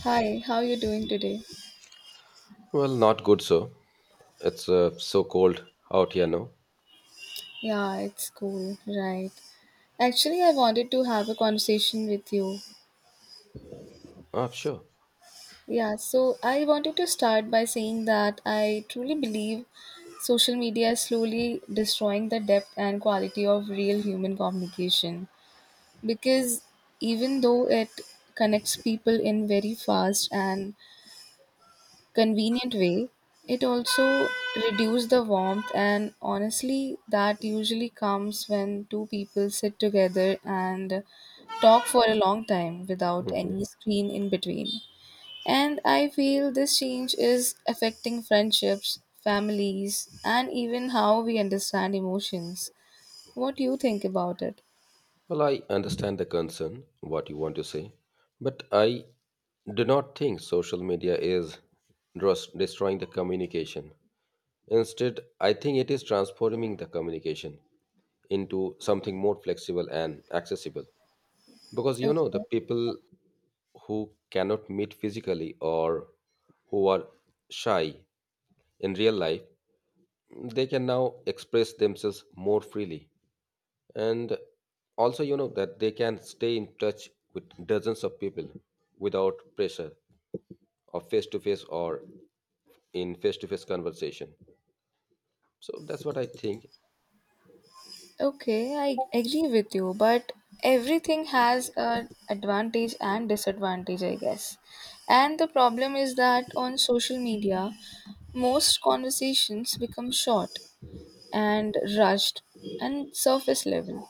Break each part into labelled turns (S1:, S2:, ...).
S1: Hi, how are you doing today?
S2: Well, not good, so it's so cold out here now.
S1: Yeah, it's cool, right. Actually, I wanted to have a conversation with you.
S2: Ah, sure.
S1: Yeah, so I wanted to start by saying that I truly believe social media is slowly destroying the depth and quality of real human communication because even though it connects people in very fast and convenient way. It also reduced the warmth, and honestly, that usually comes when two people sit together and talk for a long time without
S2: Mhm.
S1: any screen in between. And I feel this change is affecting friendships, families, and even how we understand emotions. What do you think about it?
S2: Well, I understand the concern, what you want to say, but I do not think social media is destroying the communication. Instead, I think it is transforming the communication into something more flexible and accessible. Because the
S1: Okay.
S2: people who cannot meet physically or who are shy in real life, they can now express themselves more freely. And also, you know that they can stay in touch with dozens of people without pressure of face to face, or in face to face conversation. So that's what I think.
S1: Okay, I agree with you, but everything has an advantage and disadvantage, I guess. And the problem is that on social media, most conversations become short and rushed and surface level.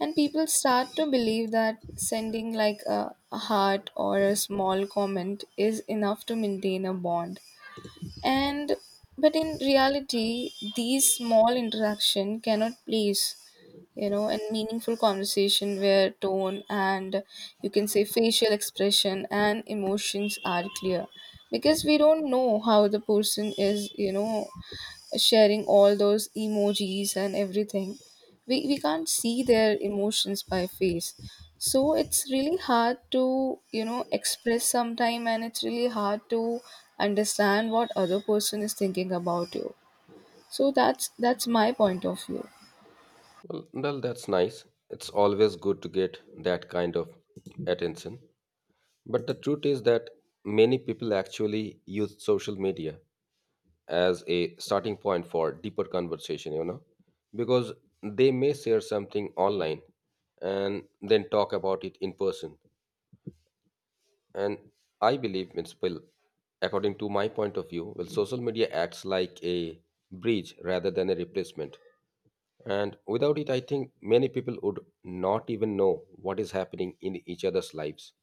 S1: And people start to believe that sending like a heart or a small comment is enough to maintain a bond. And but in reality, these small interaction cannot place, you know, and meaningful conversation where tone and you can say facial expression and emotions are clear. Because we don't know how the person is, you know, sharing all those emojis and everything we can't see their emotions by face, so it's really hard to you know express sometime, and it's really hard to understand what other person is thinking about you. So that's my point of view.
S2: Well, that's nice. It's always good to get that kind of attention, but the truth is that many people actually use social media as a starting point for deeper conversation because they may share something online and then talk about it in person. And I believe it's will, according to my point of view. Well, social media acts like a bridge rather than a replacement, and without it I think many people would not even know what is happening in each other's lives.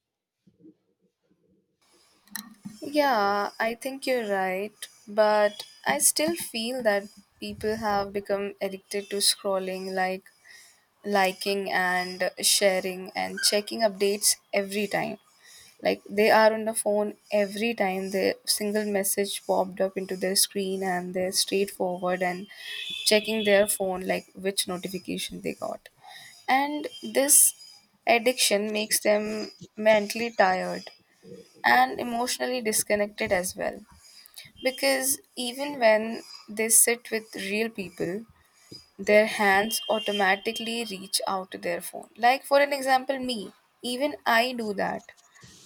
S1: Yeah, I think you're right, but I still feel that people have become addicted to scrolling, like liking and sharing and checking updates every time. Like they are on the phone every time the single message popped up into their screen and they're straightforward and checking their phone like which notification they got. And this addiction makes them mentally tired and emotionally disconnected as well. Because even when they sit with real people, their hands automatically reach out to their phone. Like, for an example, me, even I do that.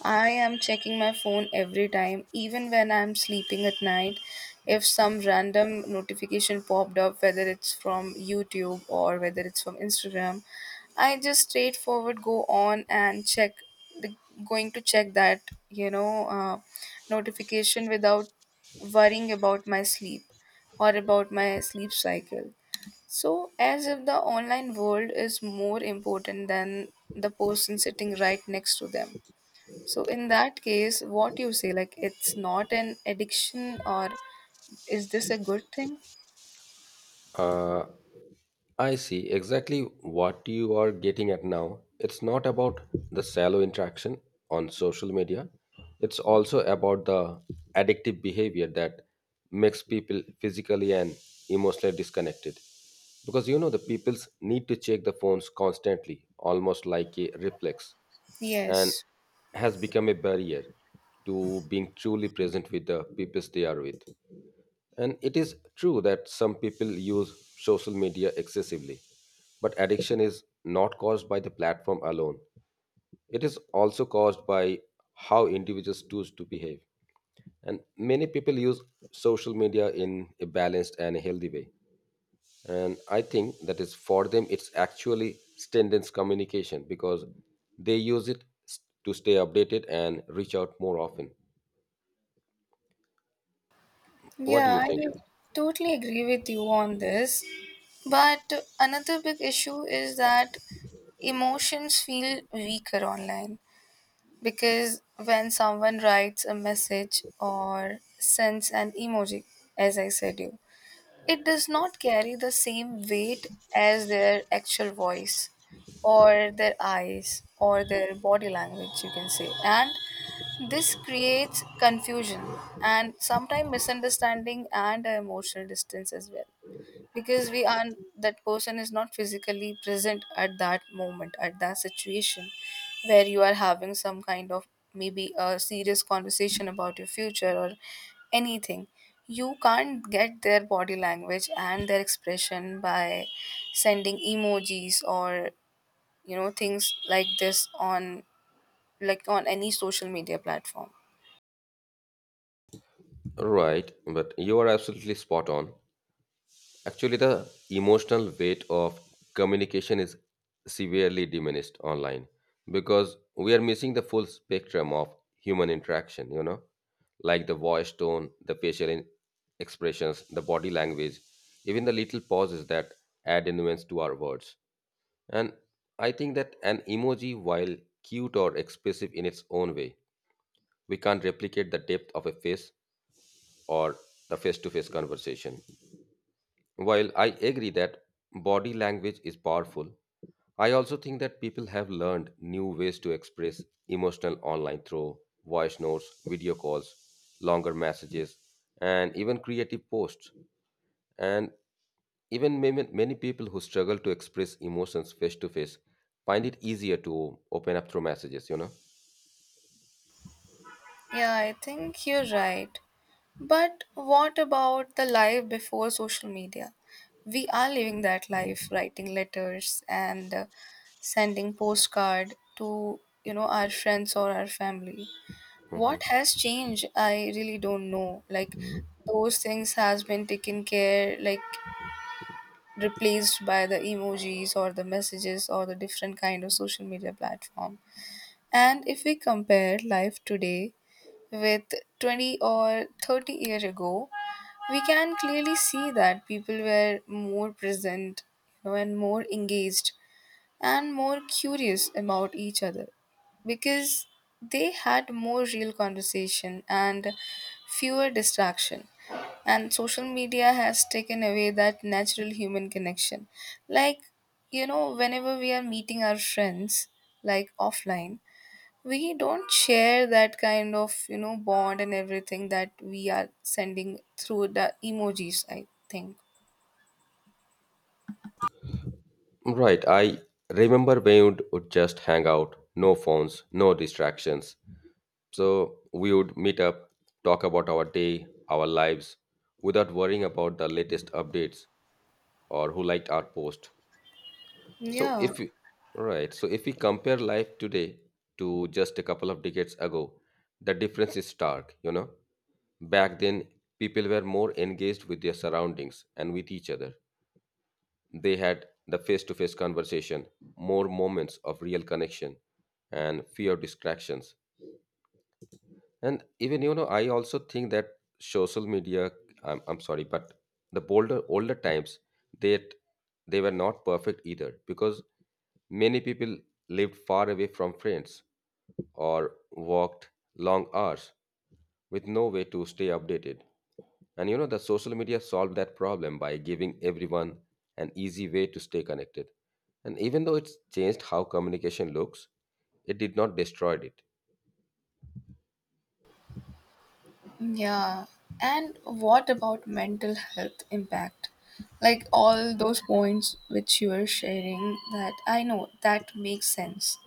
S1: I am checking my phone every time, even when I'm sleeping at night. If some random notification popped up, whether it's from YouTube or whether it's from Instagram, I just straightforward go on and check the, going to check that you know uh, notification without worrying about my sleep or about my sleep cycle, so, as if the online world is more important than the person sitting right next to them. So, in that case, what you say, like it's not an addiction, or is this a good thing?
S2: Uh, I see exactly what you are getting at now. It's not about the shallow interaction on social media, it's also about the addictive behavior that makes people physically and emotionally disconnected. Because the people's need to check the phones constantly, almost like a reflex, and
S1: Yes.
S2: has become a barrier to being truly present with the peoples they are with. And it is true that some people use social media excessively, but addiction is not caused by the platform alone. It is also caused by how individuals choose to behave. And many people use social media in a balanced and a healthy way. And I think that is for them, it's actually strengthens communication because they use it to stay updated and reach out more often. What do you
S1: Yeah, I
S2: think?
S1: will totally agree with you on this. But another big issue is that emotions feel weaker online because when someone writes a message or sends an emoji, as I said you, it does not carry the same weight as their actual voice, or their eyes, or their body language, you can say. And this creates confusion and sometimes misunderstanding and emotional distance as well, because we aren't, that person is not physically present at that moment at that situation where you are having some kind of maybe a serious conversation about your future or anything. You can't get their body language and their expression by sending emojis or you know things like this on like on any social media platform.
S2: Right, but you are absolutely spot on. Actually, the emotional weight of communication is severely diminished online because we are missing the full spectrum of human interaction, like the voice tone, the facial expressions, the body language, even the little pauses that add nuance to our words. And I think that an emoji, while cute or expressive in its own way, we can't replicate the depth of a face or the face to face conversation. While I agree that body language is powerful, I also think that people have learned new ways to express emotional online through voice notes, video calls, longer messages, and even creative posts. And even many many people who struggle to express emotions face to face find it easier to open up through messages, you know?
S1: Yeah, I think you're right. But what about the life before social media? We are living that life, writing letters and sending postcard to you know our friends or our family. What
S2: Mhm.
S1: has changed? I really don't know. Like those things has been taken care, like replaced by the emojis or the messages or the different kind of social media platform. And if we compare life today with 20 or 30 year ago, we can clearly see that people were more present, you know, and more engaged, and more curious about each other because they had more real conversation and fewer distraction. And social media has taken away that natural human connection. Like, you know, whenever we are meeting our friends, like offline, we don't share that kind of you know bond and everything that we are sending through the emojis, I think.
S2: Right. I remember when you would just hang out, no phones, no distractions. So we would meet up, talk about our day, our lives, without worrying about the latest updates or who liked our post. So
S1: yeah
S2: if we, right, so if we compare life today to just a couple of decades ago, the difference is stark. Back then, people were more engaged with their surroundings and with each other. They had the face-to-face conversation, more moments of real connection, and fewer distractions. And even I also think that social media. I'm sorry, but the older times that they were not perfect either, because many people lived far away from friends or walked long hours with no way to stay updated. And the social media solved that problem by giving everyone an easy way to stay connected. And even though it's changed how communication looks, it did not destroy it.
S1: yeah and what about mental health impact? Like all those points which you are sharing, that I know that makes sense,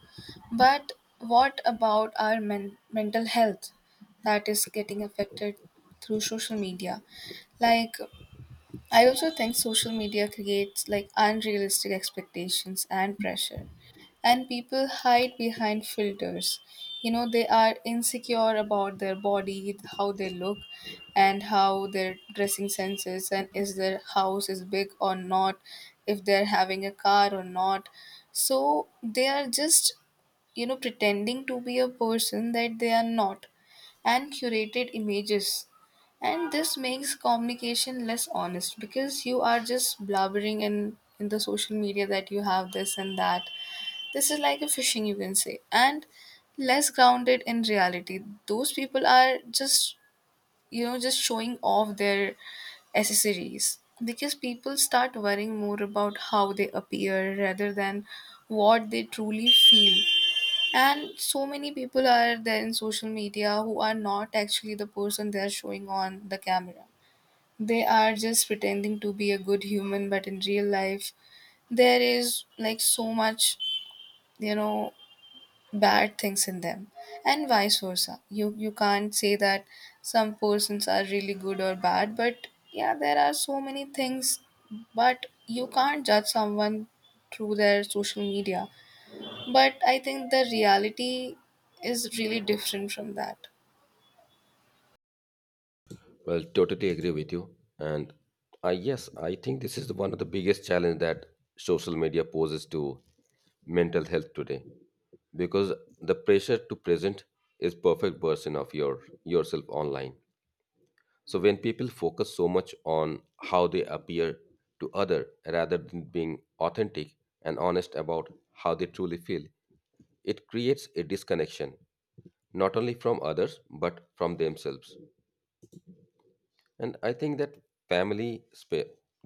S1: but what about our mental health that is getting affected through social media? Like, I also think social media creates like unrealistic expectations and pressure. And people hide behind filters. You know, they are insecure about their body, how they look, and how their dressing sense is, and is their house is big or not, if they're having a car or not. So they are just you know pretending to be a person that they are not, and curated images, and this makes communication less honest because you are just blabbering in the social media that you have this and that. This is like a fishing you can say, and less grounded in reality. Those people are just you know just showing off their accessories because people start worrying more about how they appear rather than what they truly feel. And so many people are there in social media who are not actually the person they are showing on the camera. They are just pretending to be a good human, but in real life, there is like so much, you know, bad things in them, and vice versa. You can't say that some persons are really good or bad, but yeah, there are so many things, but you can't judge someone through their social media, but I think the reality is really different from that.
S2: Well, totally agree with you. And I yes, I think this is one of the biggest challenge that social media poses to mental health today, because the pressure to present is perfect version of yourself online. So when people focus so much on how they appear to other rather than being authentic and honest about how they truly feel, it creates a disconnection not only from others but from themselves. And I think that family spa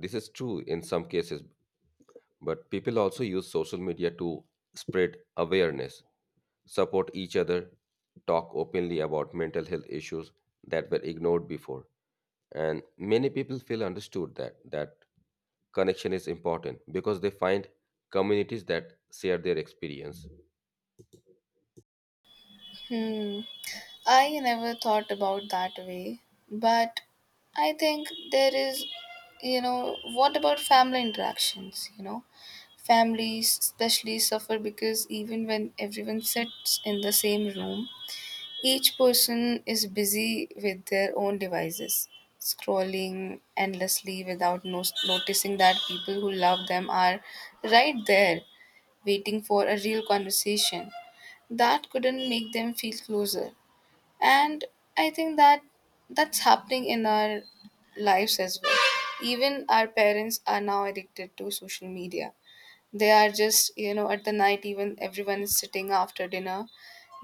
S2: this is true in some cases, but people also use social media to spread awareness, support each other, talk openly about mental health issues that were ignored before. And many people feel understood, that that connection is important, because they find communities that share their experience.
S1: Hmm. I never thought about that way. But I think there is, you know, what about family interactions? You know, families especially suffer because even when everyone sits in the same room, each person is busy with their own devices, scrolling endlessly without noticing that people who love them are right there waiting for a real conversation. That couldn't make them feel closer. And I think that that's happening in our lives as well. Even our parents are now addicted to social media. They are just, you know, at the night, even everyone is sitting after dinner.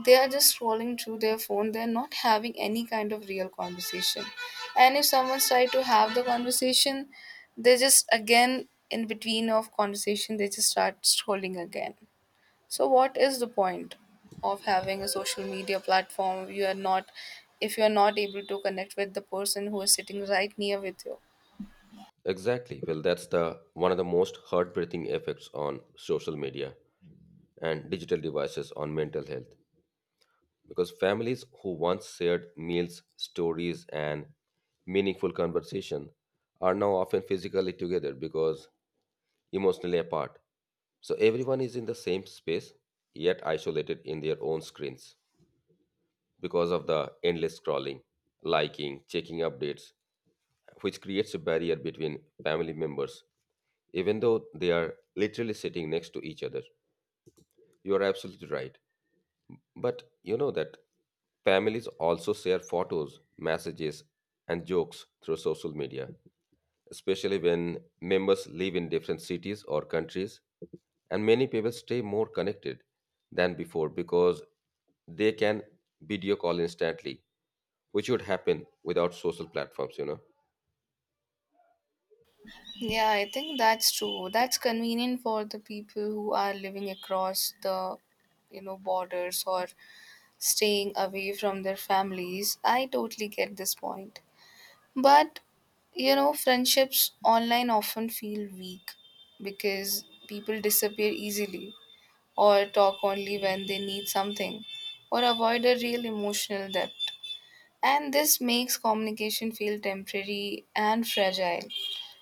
S1: They are just scrolling through their phone. They're not having any kind of real conversation. And if someone's trying to have the conversation, they just again in between of conversation they just start scrolling again. So what is the point of having a social media platform? You are not, if you are not able to connect with the person who is sitting right near with you?
S2: Exactly. Well, that's the one of the most heartbreaking effects on social media and digital devices on mental health. Because families who once shared meals, stories, and meaningful conversation are now often physically together because emotionally apart. So everyone is in the same space yet isolated in their own screens because of the endless scrolling, liking, checking updates, which creates a barrier between family members, even though they are literally sitting next to each other. You are absolutely right. But you know that families also share photos, messages, and jokes through social media, especially when members live in different cities or countries. And many people stay more connected than before because they can video call instantly, which would happen without social platforms.
S1: Yeah, I think that's true. That's convenient for the people who are living across the you know borders or staying away from their families. I totally get this point. But you know, friendships online often feel weak because people disappear easily, or talk only when they need something, or avoid a real emotional depth. And this makes communication feel temporary and fragile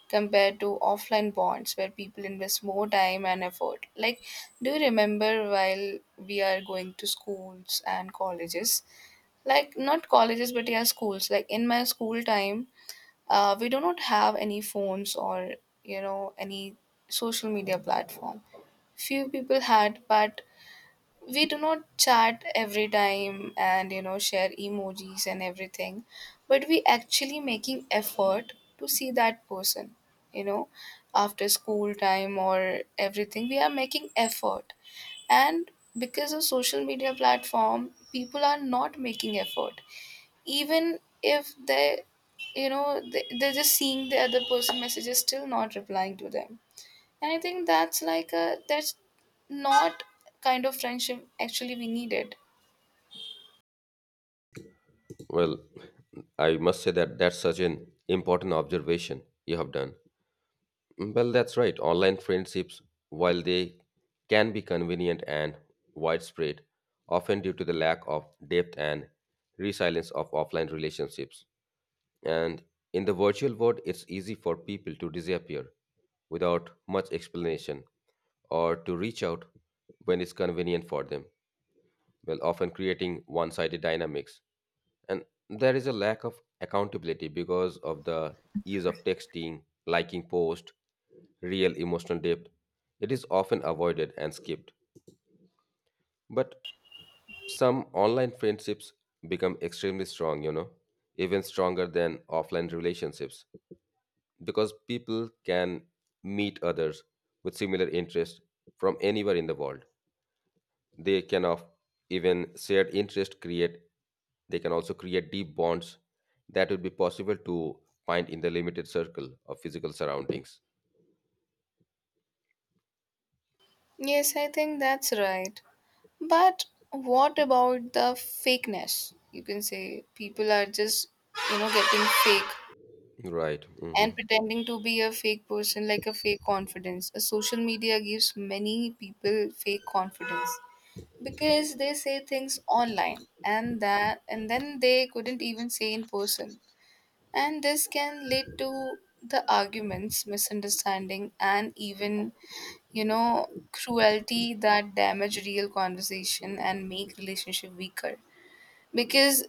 S1: compared to offline bonds where people invest more time and effort. Like, do you remember while we are going to schools and colleges? Like, not colleges, but yeah, schools. Like, in my school time, we do not have any phones or, you know, any social media platform. Few people had, but we do not chat every time and you know share emojis and everything, but we actually making effort to see that person, you know, after school time or everything we are making effort. And because of social media platform people are not making effort, even if they you know they're just seeing the other person messages, still not replying to them. And I think that's like a that's not kind of friendship actually we needed.
S2: Well, I must say that that's such an important observation you have done. Well, that's right. Online friendships, while they can be convenient and widespread, often due to the lack of depth and resilience of offline relationships. And in the virtual world, it's easy for people to disappear without much explanation, or to reach out when it's convenient for them, well, often creating one sided dynamics. And there is a lack of accountability because of the ease of texting, liking post, real emotional depth, it is often avoided and skipped. But some online friendships become extremely strong, even stronger than offline relationships, because people can meet others with similar interests from anywhere in the world. They can of even shared interest create, they can also create deep bonds that would be possible to find in the limited circle of physical surroundings.
S1: Yes, I think that's right. But what about the fakeness? You can say people are just, you know, getting fake
S2: Right. Hmm.
S1: and pretending to be a fake person, like a fake confidence. A social media gives many people fake confidence because they say things online and that and then they couldn't even say in person. And this can lead to the arguments, misunderstanding, and even, you know, cruelty that damage real conversation and make relationship weaker. Because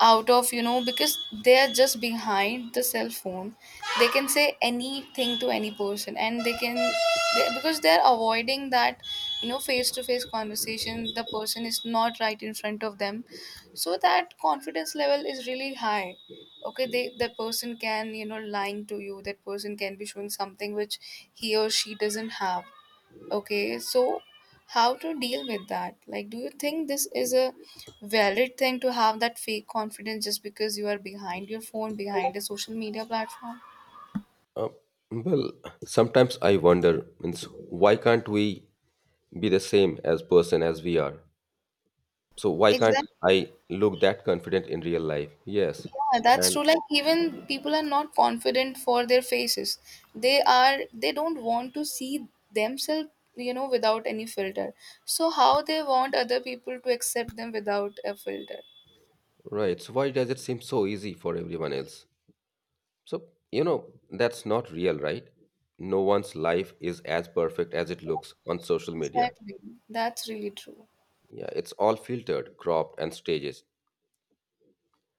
S1: out of you know because they are just behind the cell phone, they can say anything to any person, and they can they, because they're avoiding that you know face to face conversation, the person is not right in front of them, so that confidence level is really high. Okay, they, that person can you know lying to you, that person can be showing something which he or she doesn't have. Okay, so how to deal with that? Like, do you think this is a valid thing to have that fake confidence just because you are behind your phone, behind a social media platform?
S2: uh, well, sometimes I wonder, means, why can't we be the same as person as we are? So why can't
S1: Exactly.
S2: I look that confident in real life? Yes.
S1: Yeah, that's
S2: And
S1: true. Like even people are not confident for their faces. They are, they don't want to see themselves, you know, without any filter. So how they want other people to accept them without a filter?
S2: right, so why does it seem so easy for everyone else? So, that's not real, right? No one's life is as perfect as it looks on social media.
S1: Exactly. That's really true.
S2: Yeah, it's all filtered, cropped, and stages.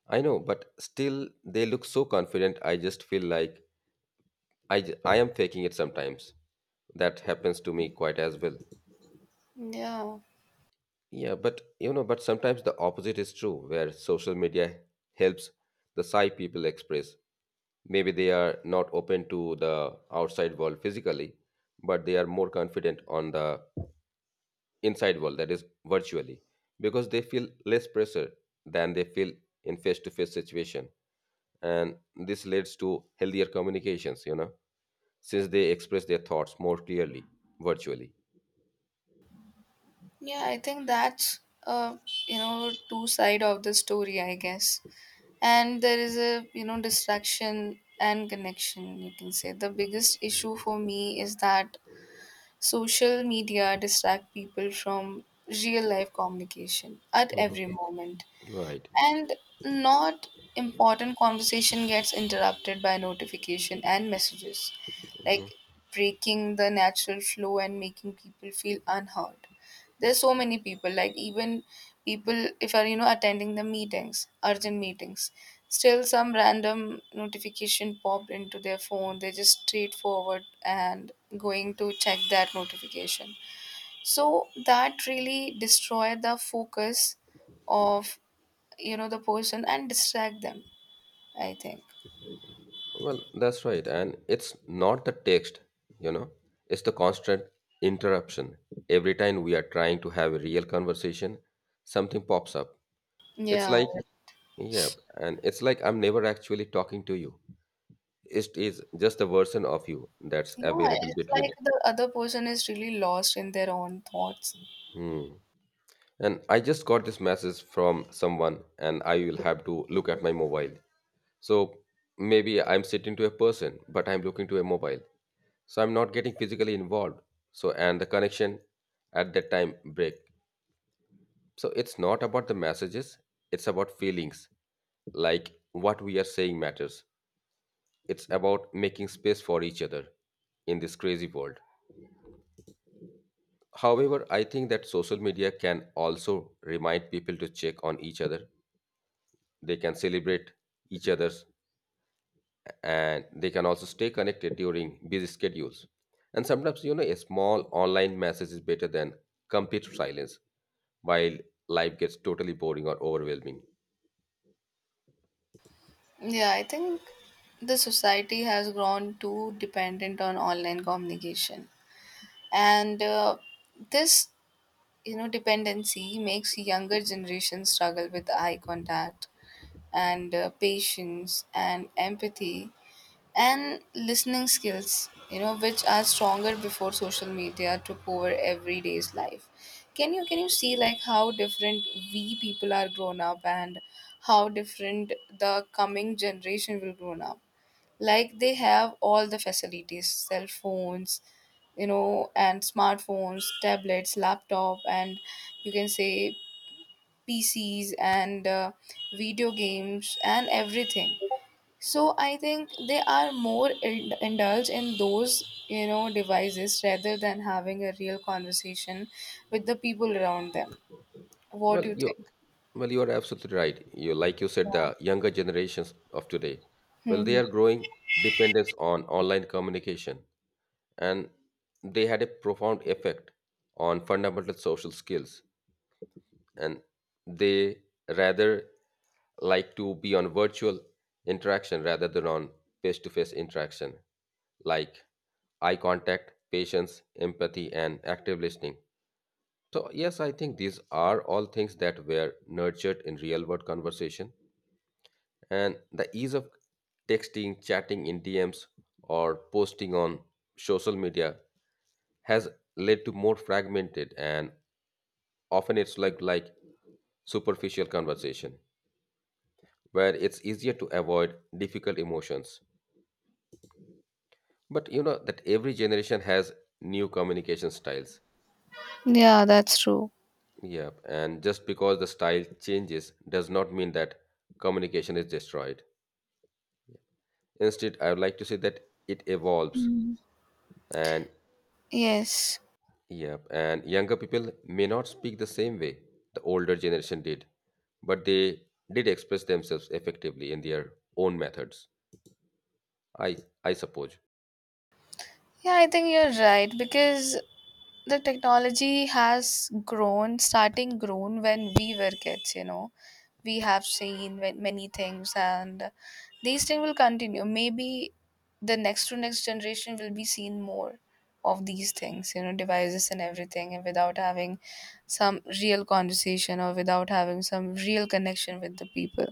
S2: I know, but still, they look so confident. I just feel like I am faking it sometimes. That happens to me quite as well.
S1: Yeah.
S2: Yeah, but sometimes the opposite is true, where social media helps the shy people express. Maybe they are not open to the outside world physically, but they are more confident on the inside world, that is virtually, because they feel less pressure than they feel in face-to-face situation. And this leads to healthier communications, since they express their thoughts more clearly virtually.
S1: Yeah, I think that's uh, you know two side of the story, I guess. And there is a you know distraction and connection. You can say the biggest issue for me is that social media distract people from real life communication at
S2: Mhm.
S1: every moment.
S2: Right.
S1: And not important conversation gets interrupted by notification and messages, like breaking the natural flow and making people feel unheard. There's so many people, like even people if are you know attending the meetings, urgent meetings, still some random notification popped into their phone. They're just straightforward and going to check that notification. So that really destroy the focus of you know the person and distract them, I think.
S2: Well, that's right. And it's not the text, you know, it's the constant interruption. Every time we are trying to have a real conversation, something pops up. It's
S1: Yeah.
S2: like, yeah, and it's like I'm never actually talking to you. It is just a version of you that's
S1: Yeah,
S2: available
S1: it's like
S2: between.
S1: the other person is really lost in their own thoughts.
S2: And I just got this message from someone, and I will have to look at my mobile. So maybe I'm sitting to a person, but I'm looking to a mobile. So I'm not getting physically involved. And the connection at that time break. So it's not about the messages, it's about feelings. Like what we are saying matters. It's about making space for each other in this crazy world. However, I think that social media can also remind people to check on each other, they can celebrate each other's, and they can also stay connected during busy schedules. And sometimes a small online message is better than complete silence, while life gets totally boring or overwhelming.
S1: Yeah, I think the society has grown too dependent on online communication. And this, you know, dependency makes younger generations struggle with eye contact and patience and empathy and listening skills you know which are stronger before social media took over everyday's life. Can you can you see like how different we people are grown up and how different the coming generation will grown up? Like they have all the facilities, cell phones, you know, and smartphones, tablets, laptop, and you can say PCs and video games and everything. So I think they are more indulged in those, you know, devices rather than having a real conversation with the people around them. What do
S2: well
S1: you
S2: you
S1: think?
S2: well you are absolutely right. You, like you said, the younger generations of today, well they
S1: Hmm.
S2: are growing dependence on online communication, and they had a profound effect on fundamental social skills. And they rather like to be on virtual interaction rather than on face to face interaction, like eye contact, patience, empathy, and active listening. So yes, I think these are all things that were nurtured in real world conversation, and the ease of texting, chatting in DMs, or posting on social media has led to more fragmented and often it's like superficial conversation where it's easier to avoid difficult emotions. But you know that every generation has new communication styles.
S1: Yeah, that's true.
S2: Yep, and just because the style changes does not mean that communication is destroyed. Instead, I would like to say that it evolves.
S1: Hmm.
S2: And
S1: Yes.
S2: yep, and younger people may not speak the same way the older generation did, but they did express themselves effectively in their own methods. I I suppose.
S1: Yeah, I think you're right because the technology has grown, starting grown when we were kids, you know, we have seen many things, and these things will continue. Maybe the next to next generation will be seen more of these things, you know, devices and everything, and without having some real conversation or without having some real connection with the people.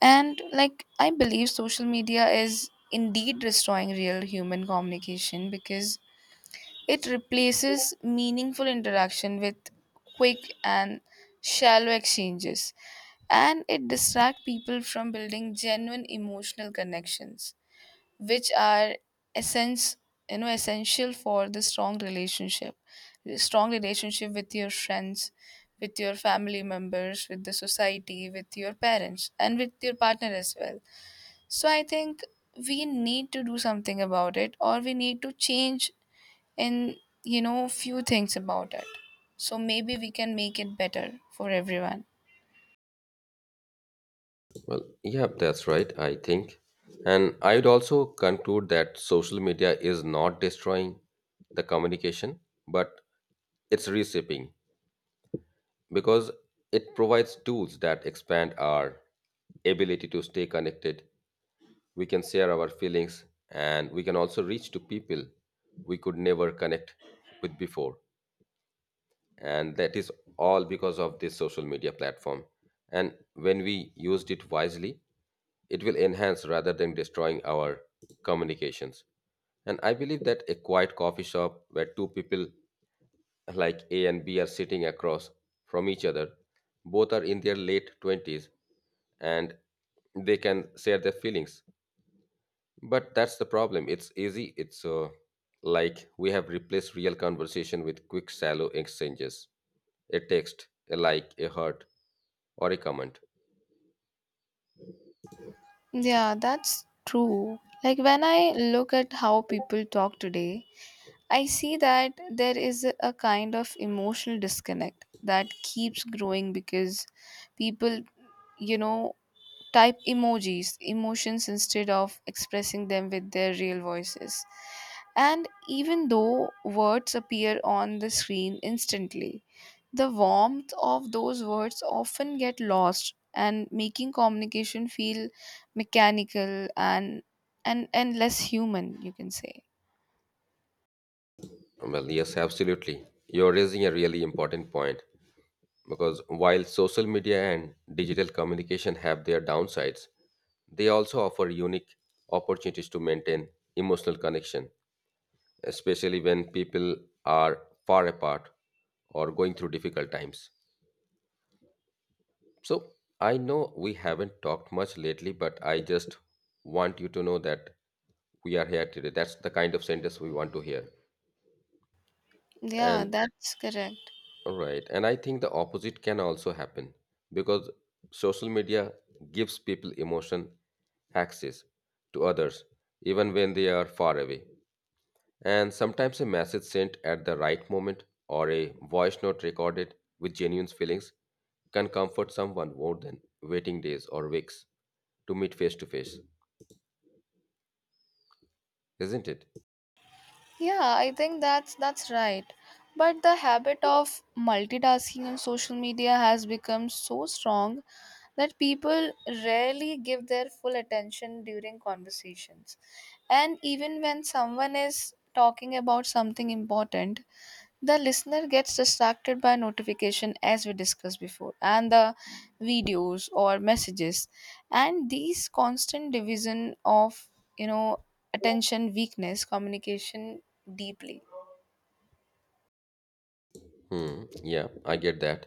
S1: And like I believe social media is indeed destroying real human communication because it replaces meaningful interaction with quick and shallow exchanges, and it distracts people from building genuine emotional connections, which are essence, essential for the strong relationship with your friends, with your family members, with the society, with your parents, and with your partner as well. So I think we need to do something about it, or we need to change and you know few things about it, so maybe we can make it better for everyone.
S2: Well, yeah, that's right, I think. And I would also conclude that social media is not destroying the communication, but it's reshaping because it provides tools that expand our ability to stay connected. We can share our feelings and we can also reach to people we could never connect with before. And that is all because of this social media platform. And when we used it wisely, it will enhance rather than destroying our communications. And I believe that a quiet coffee shop where two people like A and B are sitting across from each other, both are in their late 20s and they can share their feelings. But that's the problem. It's easy. It's like we have replaced real conversation with quick, shallow exchanges, a text, a like, a heart, or a comment.
S1: Yeah, that's true. Like when I look at how people talk today, I see that there is a kind of emotional disconnect that keeps growing because people, you know, type emojis, emotions instead of expressing them with their real voices. And even though words appear on the screen instantly, the warmth of those words often get lost and making communication feel mechanical and less human, you can say.
S2: Well, yes, absolutely. You're raising a really important point, because while social media and digital communication have their downsides, they also offer unique opportunities to maintain emotional connection, especially when people are far apart or going through difficult times. So, I know we haven't talked much lately, but I just want you to know that we are here today. That's the kind of sentence we want to hear.
S1: Yeah,
S2: And
S1: that's correct.
S2: right. And I think the opposite can also happen because social media gives people emotion, access to others, even when they are far away. And sometimes a message sent at the right moment or a voice note recorded with genuine feelings can comfort someone more than waiting days or weeks to meet face to face, isn't it?
S1: Yeah, I think that's right. But the habit of multitasking on social media has become so strong that people rarely give their full attention during conversations. And even when someone is talking about something important, the listener gets distracted by notification, as we discussed before, and the videos or messages, and these constant division of, you know, attention weakness communication deeply.
S2: Hmm. Yeah, I get that.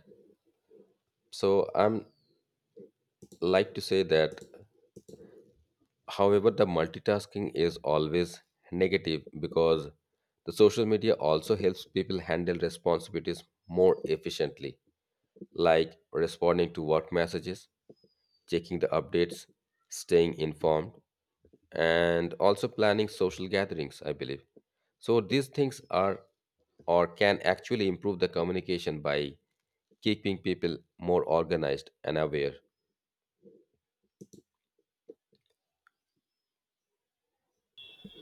S2: So I'm like to say that however, the multitasking is always negative because the social media also helps people handle responsibilities more efficiently, like responding to work messages, checking the updates, staying informed, and also planning social gatherings, I believe. So these things are or can actually improve the communication by keeping people more organized and aware.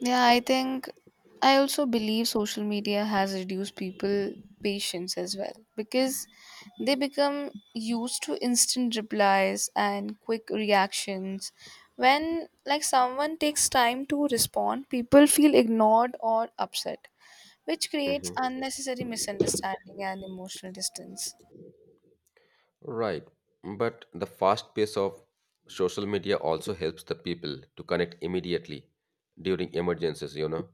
S1: Yeah, I think I also believe social media has reduced people patience as well because they become used to instant replies and quick reactions. When like someone takes time to respond, people feel ignored or upset, which creates
S2: Mm-hmm.
S1: unnecessary misunderstanding and emotional distance.
S2: Right. But the fast pace of social media also helps the people to connect immediately during emergencies,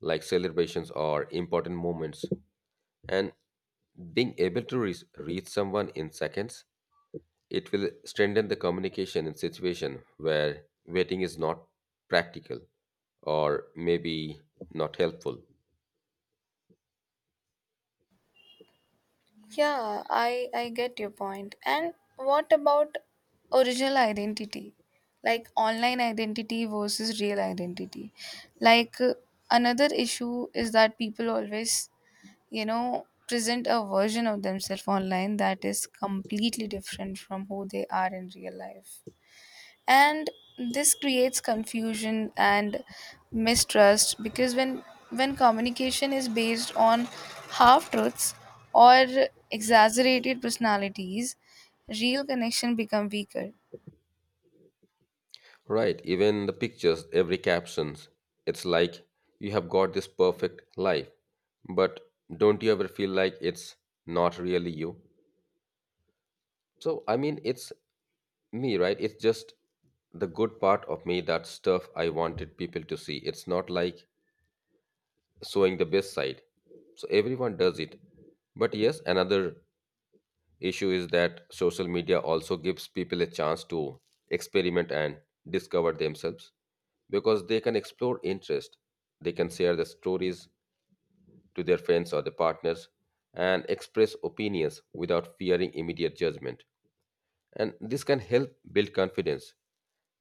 S2: like celebrations or important moments. And being able to reach someone in seconds, it will strengthen the communication in situation where waiting is not practical or maybe not helpful.
S1: Yeah, I get your point. And what about original identity? Like online identity versus real identity. Like another issue is that people always, you know, present a version of themselves online that is completely different from who they are in real life, and this creates confusion and mistrust because when communication is based on half truths or exaggerated personalities, real connection become weaker.
S2: Right, even the pictures, every captions. It's like you have got this perfect life, but don't you ever feel like it's not really you? So, I mean, it's me, right? It's just the good part of me, that stuff I wanted people to see. It's not like showing the best side. So, everyone does it. But yes, another issue is that social media also gives people a chance to experiment and discover themselves because they can explore interest, they can share their stories to their friends or their partners and express opinions without fearing immediate judgment, and this can help build confidence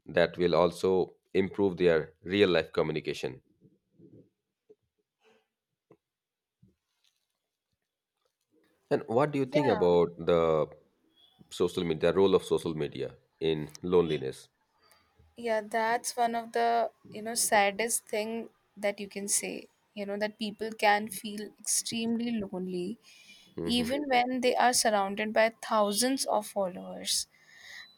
S2: that will also improve their real life communication. And what do you think
S1: Yeah.
S2: about the social media, role of social media in loneliness?
S1: Yeah, that's one of the, you know, saddest thing that you can say, you know, that people can feel extremely lonely
S2: Hmm.
S1: even when they are surrounded by thousands of followers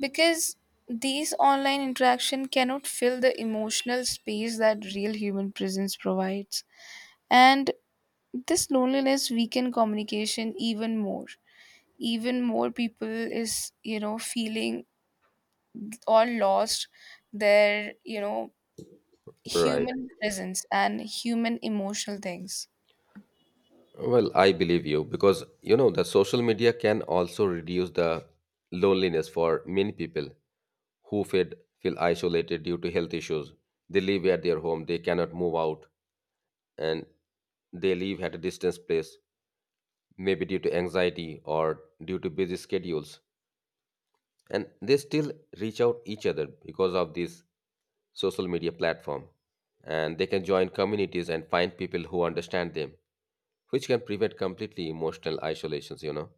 S1: because these online interaction cannot fill the emotional space that real human presence provides. And this loneliness weaken communication even more, even more people is, you know, feeling or lost their, you know,
S2: Right.
S1: human presence and human emotional things.
S2: Well, I believe you because you know the social media can also reduce the loneliness for many people who feel isolated due to health issues. They live at their home, they cannot move out, and they live at a distance place, maybe due to anxiety or due to busy schedules. And they still reach out each other because of this social media platform. And they can join communities and find people who understand them, which can prevent completely emotional isolations,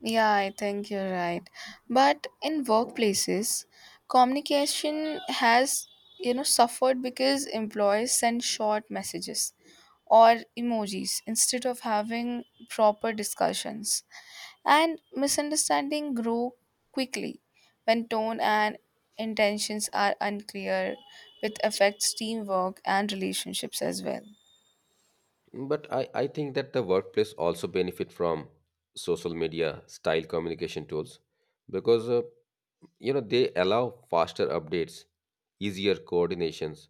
S1: Yeah, I think you're right. But in workplaces, communication has, you know, suffered because employees send short messages or emojis instead of having proper discussions. And misunderstanding grow quickly when tone and intentions are unclear, which affects teamwork and relationships as well.
S2: But I think that the workplace also benefit from social media style communication tools because you know they allow faster updates, easier coordinations,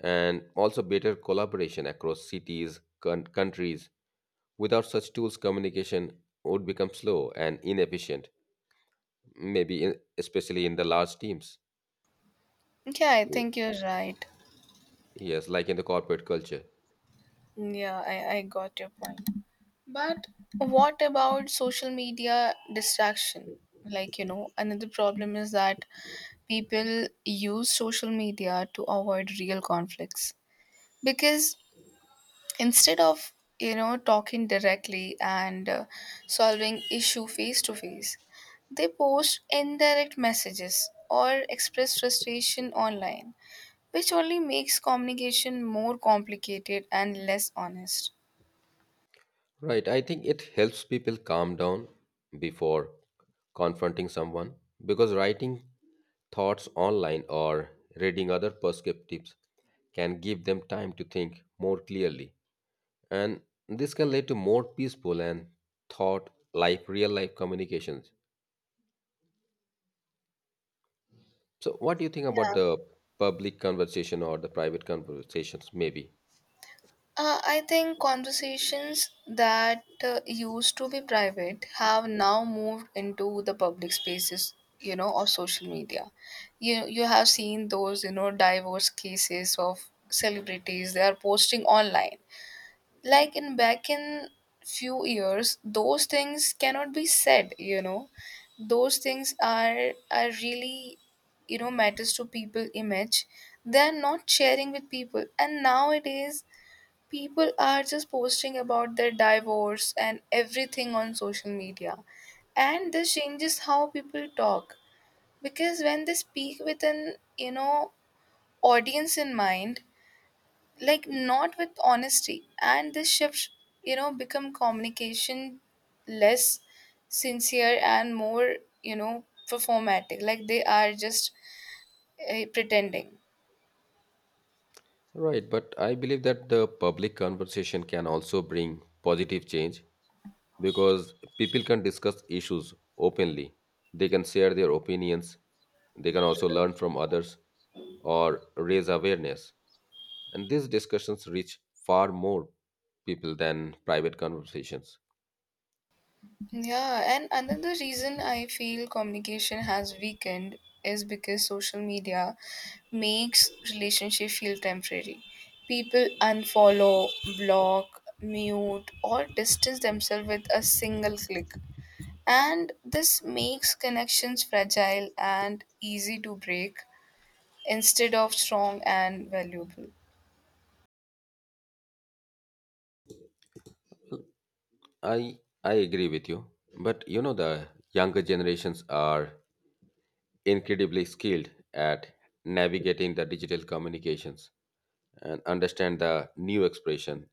S2: and also better collaboration across cities, con- countries. Without such tools, communication would become slow and inefficient, maybe in, especially in the large teams.
S1: Yeah, I think you're right.
S2: Yes, like in the corporate culture.
S1: Yeah, I got your point. But what about social media distraction? Like, you know, another problem is that people use social media to avoid real conflicts because instead of, you know, talking directly and solving issue face to face, they post indirect messages or express frustration online, which only makes communication more complicated and less honest.
S2: Right. I think it helps people calm down before confronting someone because writing thoughts online or reading other perspectives can give them time to think more clearly. And this can lead to more peaceful and thought life, real life communications. So, what do you think
S1: Yeah.
S2: about the public conversation or the private conversations, maybe?
S1: I think conversations that used to be private have now moved into the public spaces, you know, of social media. You have seen those, you know, divorce cases of celebrities they are posting online. Like in back in few years, those things cannot be said, you know. Those things are really, you know, matters to people image. They are not sharing with people, and nowadays people are just posting about their divorce and everything on social media. And this changes how people talk because when they speak with an, you know, audience in mind, like not with honesty, and this shift, you know, become communication less sincere and more, you know, performatic, like they are just pretending.
S2: Right, but I believe that the public conversation can also bring positive change because people can discuss issues openly. They can share their opinions. They can also learn from others or raise awareness. And these discussions reach far more people than private conversations.
S1: Yeah, and another reason I feel communication has weakened is because social media makes relationship feel temporary. People unfollow, block, mute, or distance themselves with a single click. And this makes connections fragile and easy to break instead of strong and valuable.
S2: I agree with you, but you know the younger generations are incredibly skilled at navigating the digital communications and understand the new expression.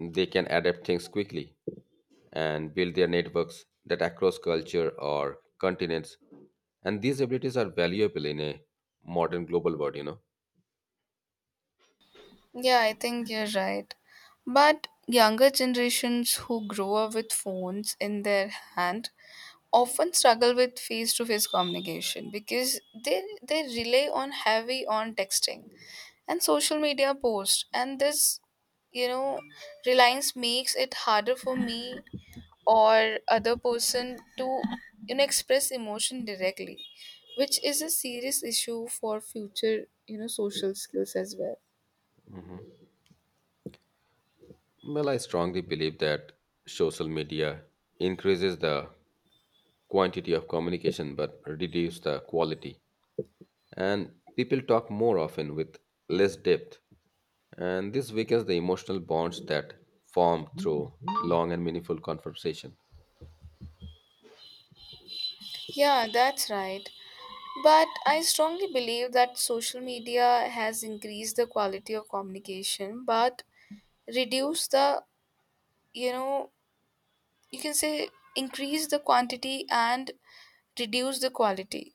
S2: They can adapt things quickly and build their networks that across culture or continents. And these abilities are valuable in a modern global world, you know.
S1: Yeah, I think you're right. But younger generations who grow up with phones in their hand often struggle with face to face communication because they rely on heavy on texting and social media posts, and this, you know, reliance makes it harder for me or other person to, you know, express emotion directly, which is a serious issue for future, you know, social skills as well.
S2: Well, I strongly believe that social media increases the quantity of communication but reduces the quality. And people talk more often with less depth. And this weakens the emotional bonds that form through long and meaningful conversation.
S1: Yeah, that's right. But I strongly believe that social media has increased the quality of communication but reduce the, you know, you can say increase the quantity and reduce the quality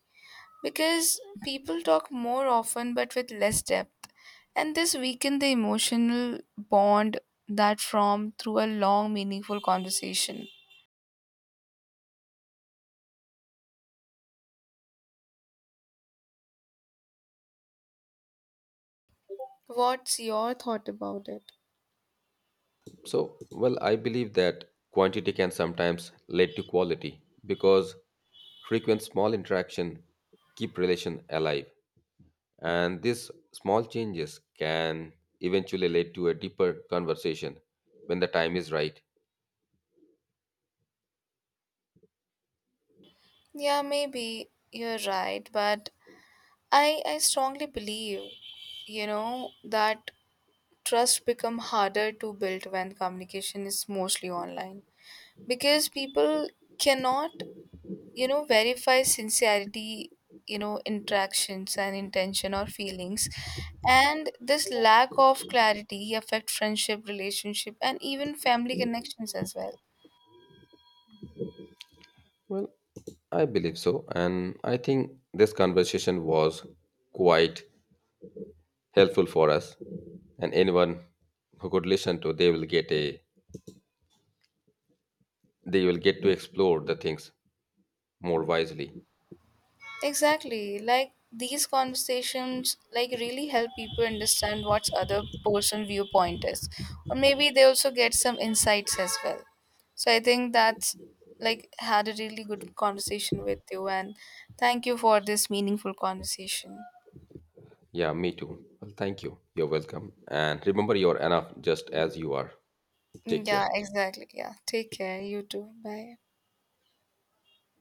S1: because people talk more often but with less depth, and this weaken the emotional bond that formed through a long meaningful conversation. What's your thought about it?
S2: So, well, I believe that quantity can sometimes lead to quality because frequent small interaction keep relation alive. And these small changes can eventually lead to a deeper conversation when the time is right.
S1: Yeah, maybe you're right. But I strongly believe, you know, that trust become harder to build when communication is mostly online because people cannot, you know, verify sincerity, you know, interactions and intention or feelings. And this lack of clarity affect friendship relationship and even family connections as well.
S2: Well, I believe so. And I think this conversation was quite helpful for us and anyone who could listen to they will get a they will get to explore the things more wisely.
S1: Exactly. Like these conversations like really help people understand what's other person viewpoint is. Or maybe they also get some insights as well. So I think that's like had a really good conversation with you, and thank you for this meaningful conversation.
S2: Yeah, me too. Well, thank you. You're welcome, and remember you're enough just as you are.
S1: Mm,
S2: Take care.
S1: yeah, exactly. Yeah. Take care. You too. Bye.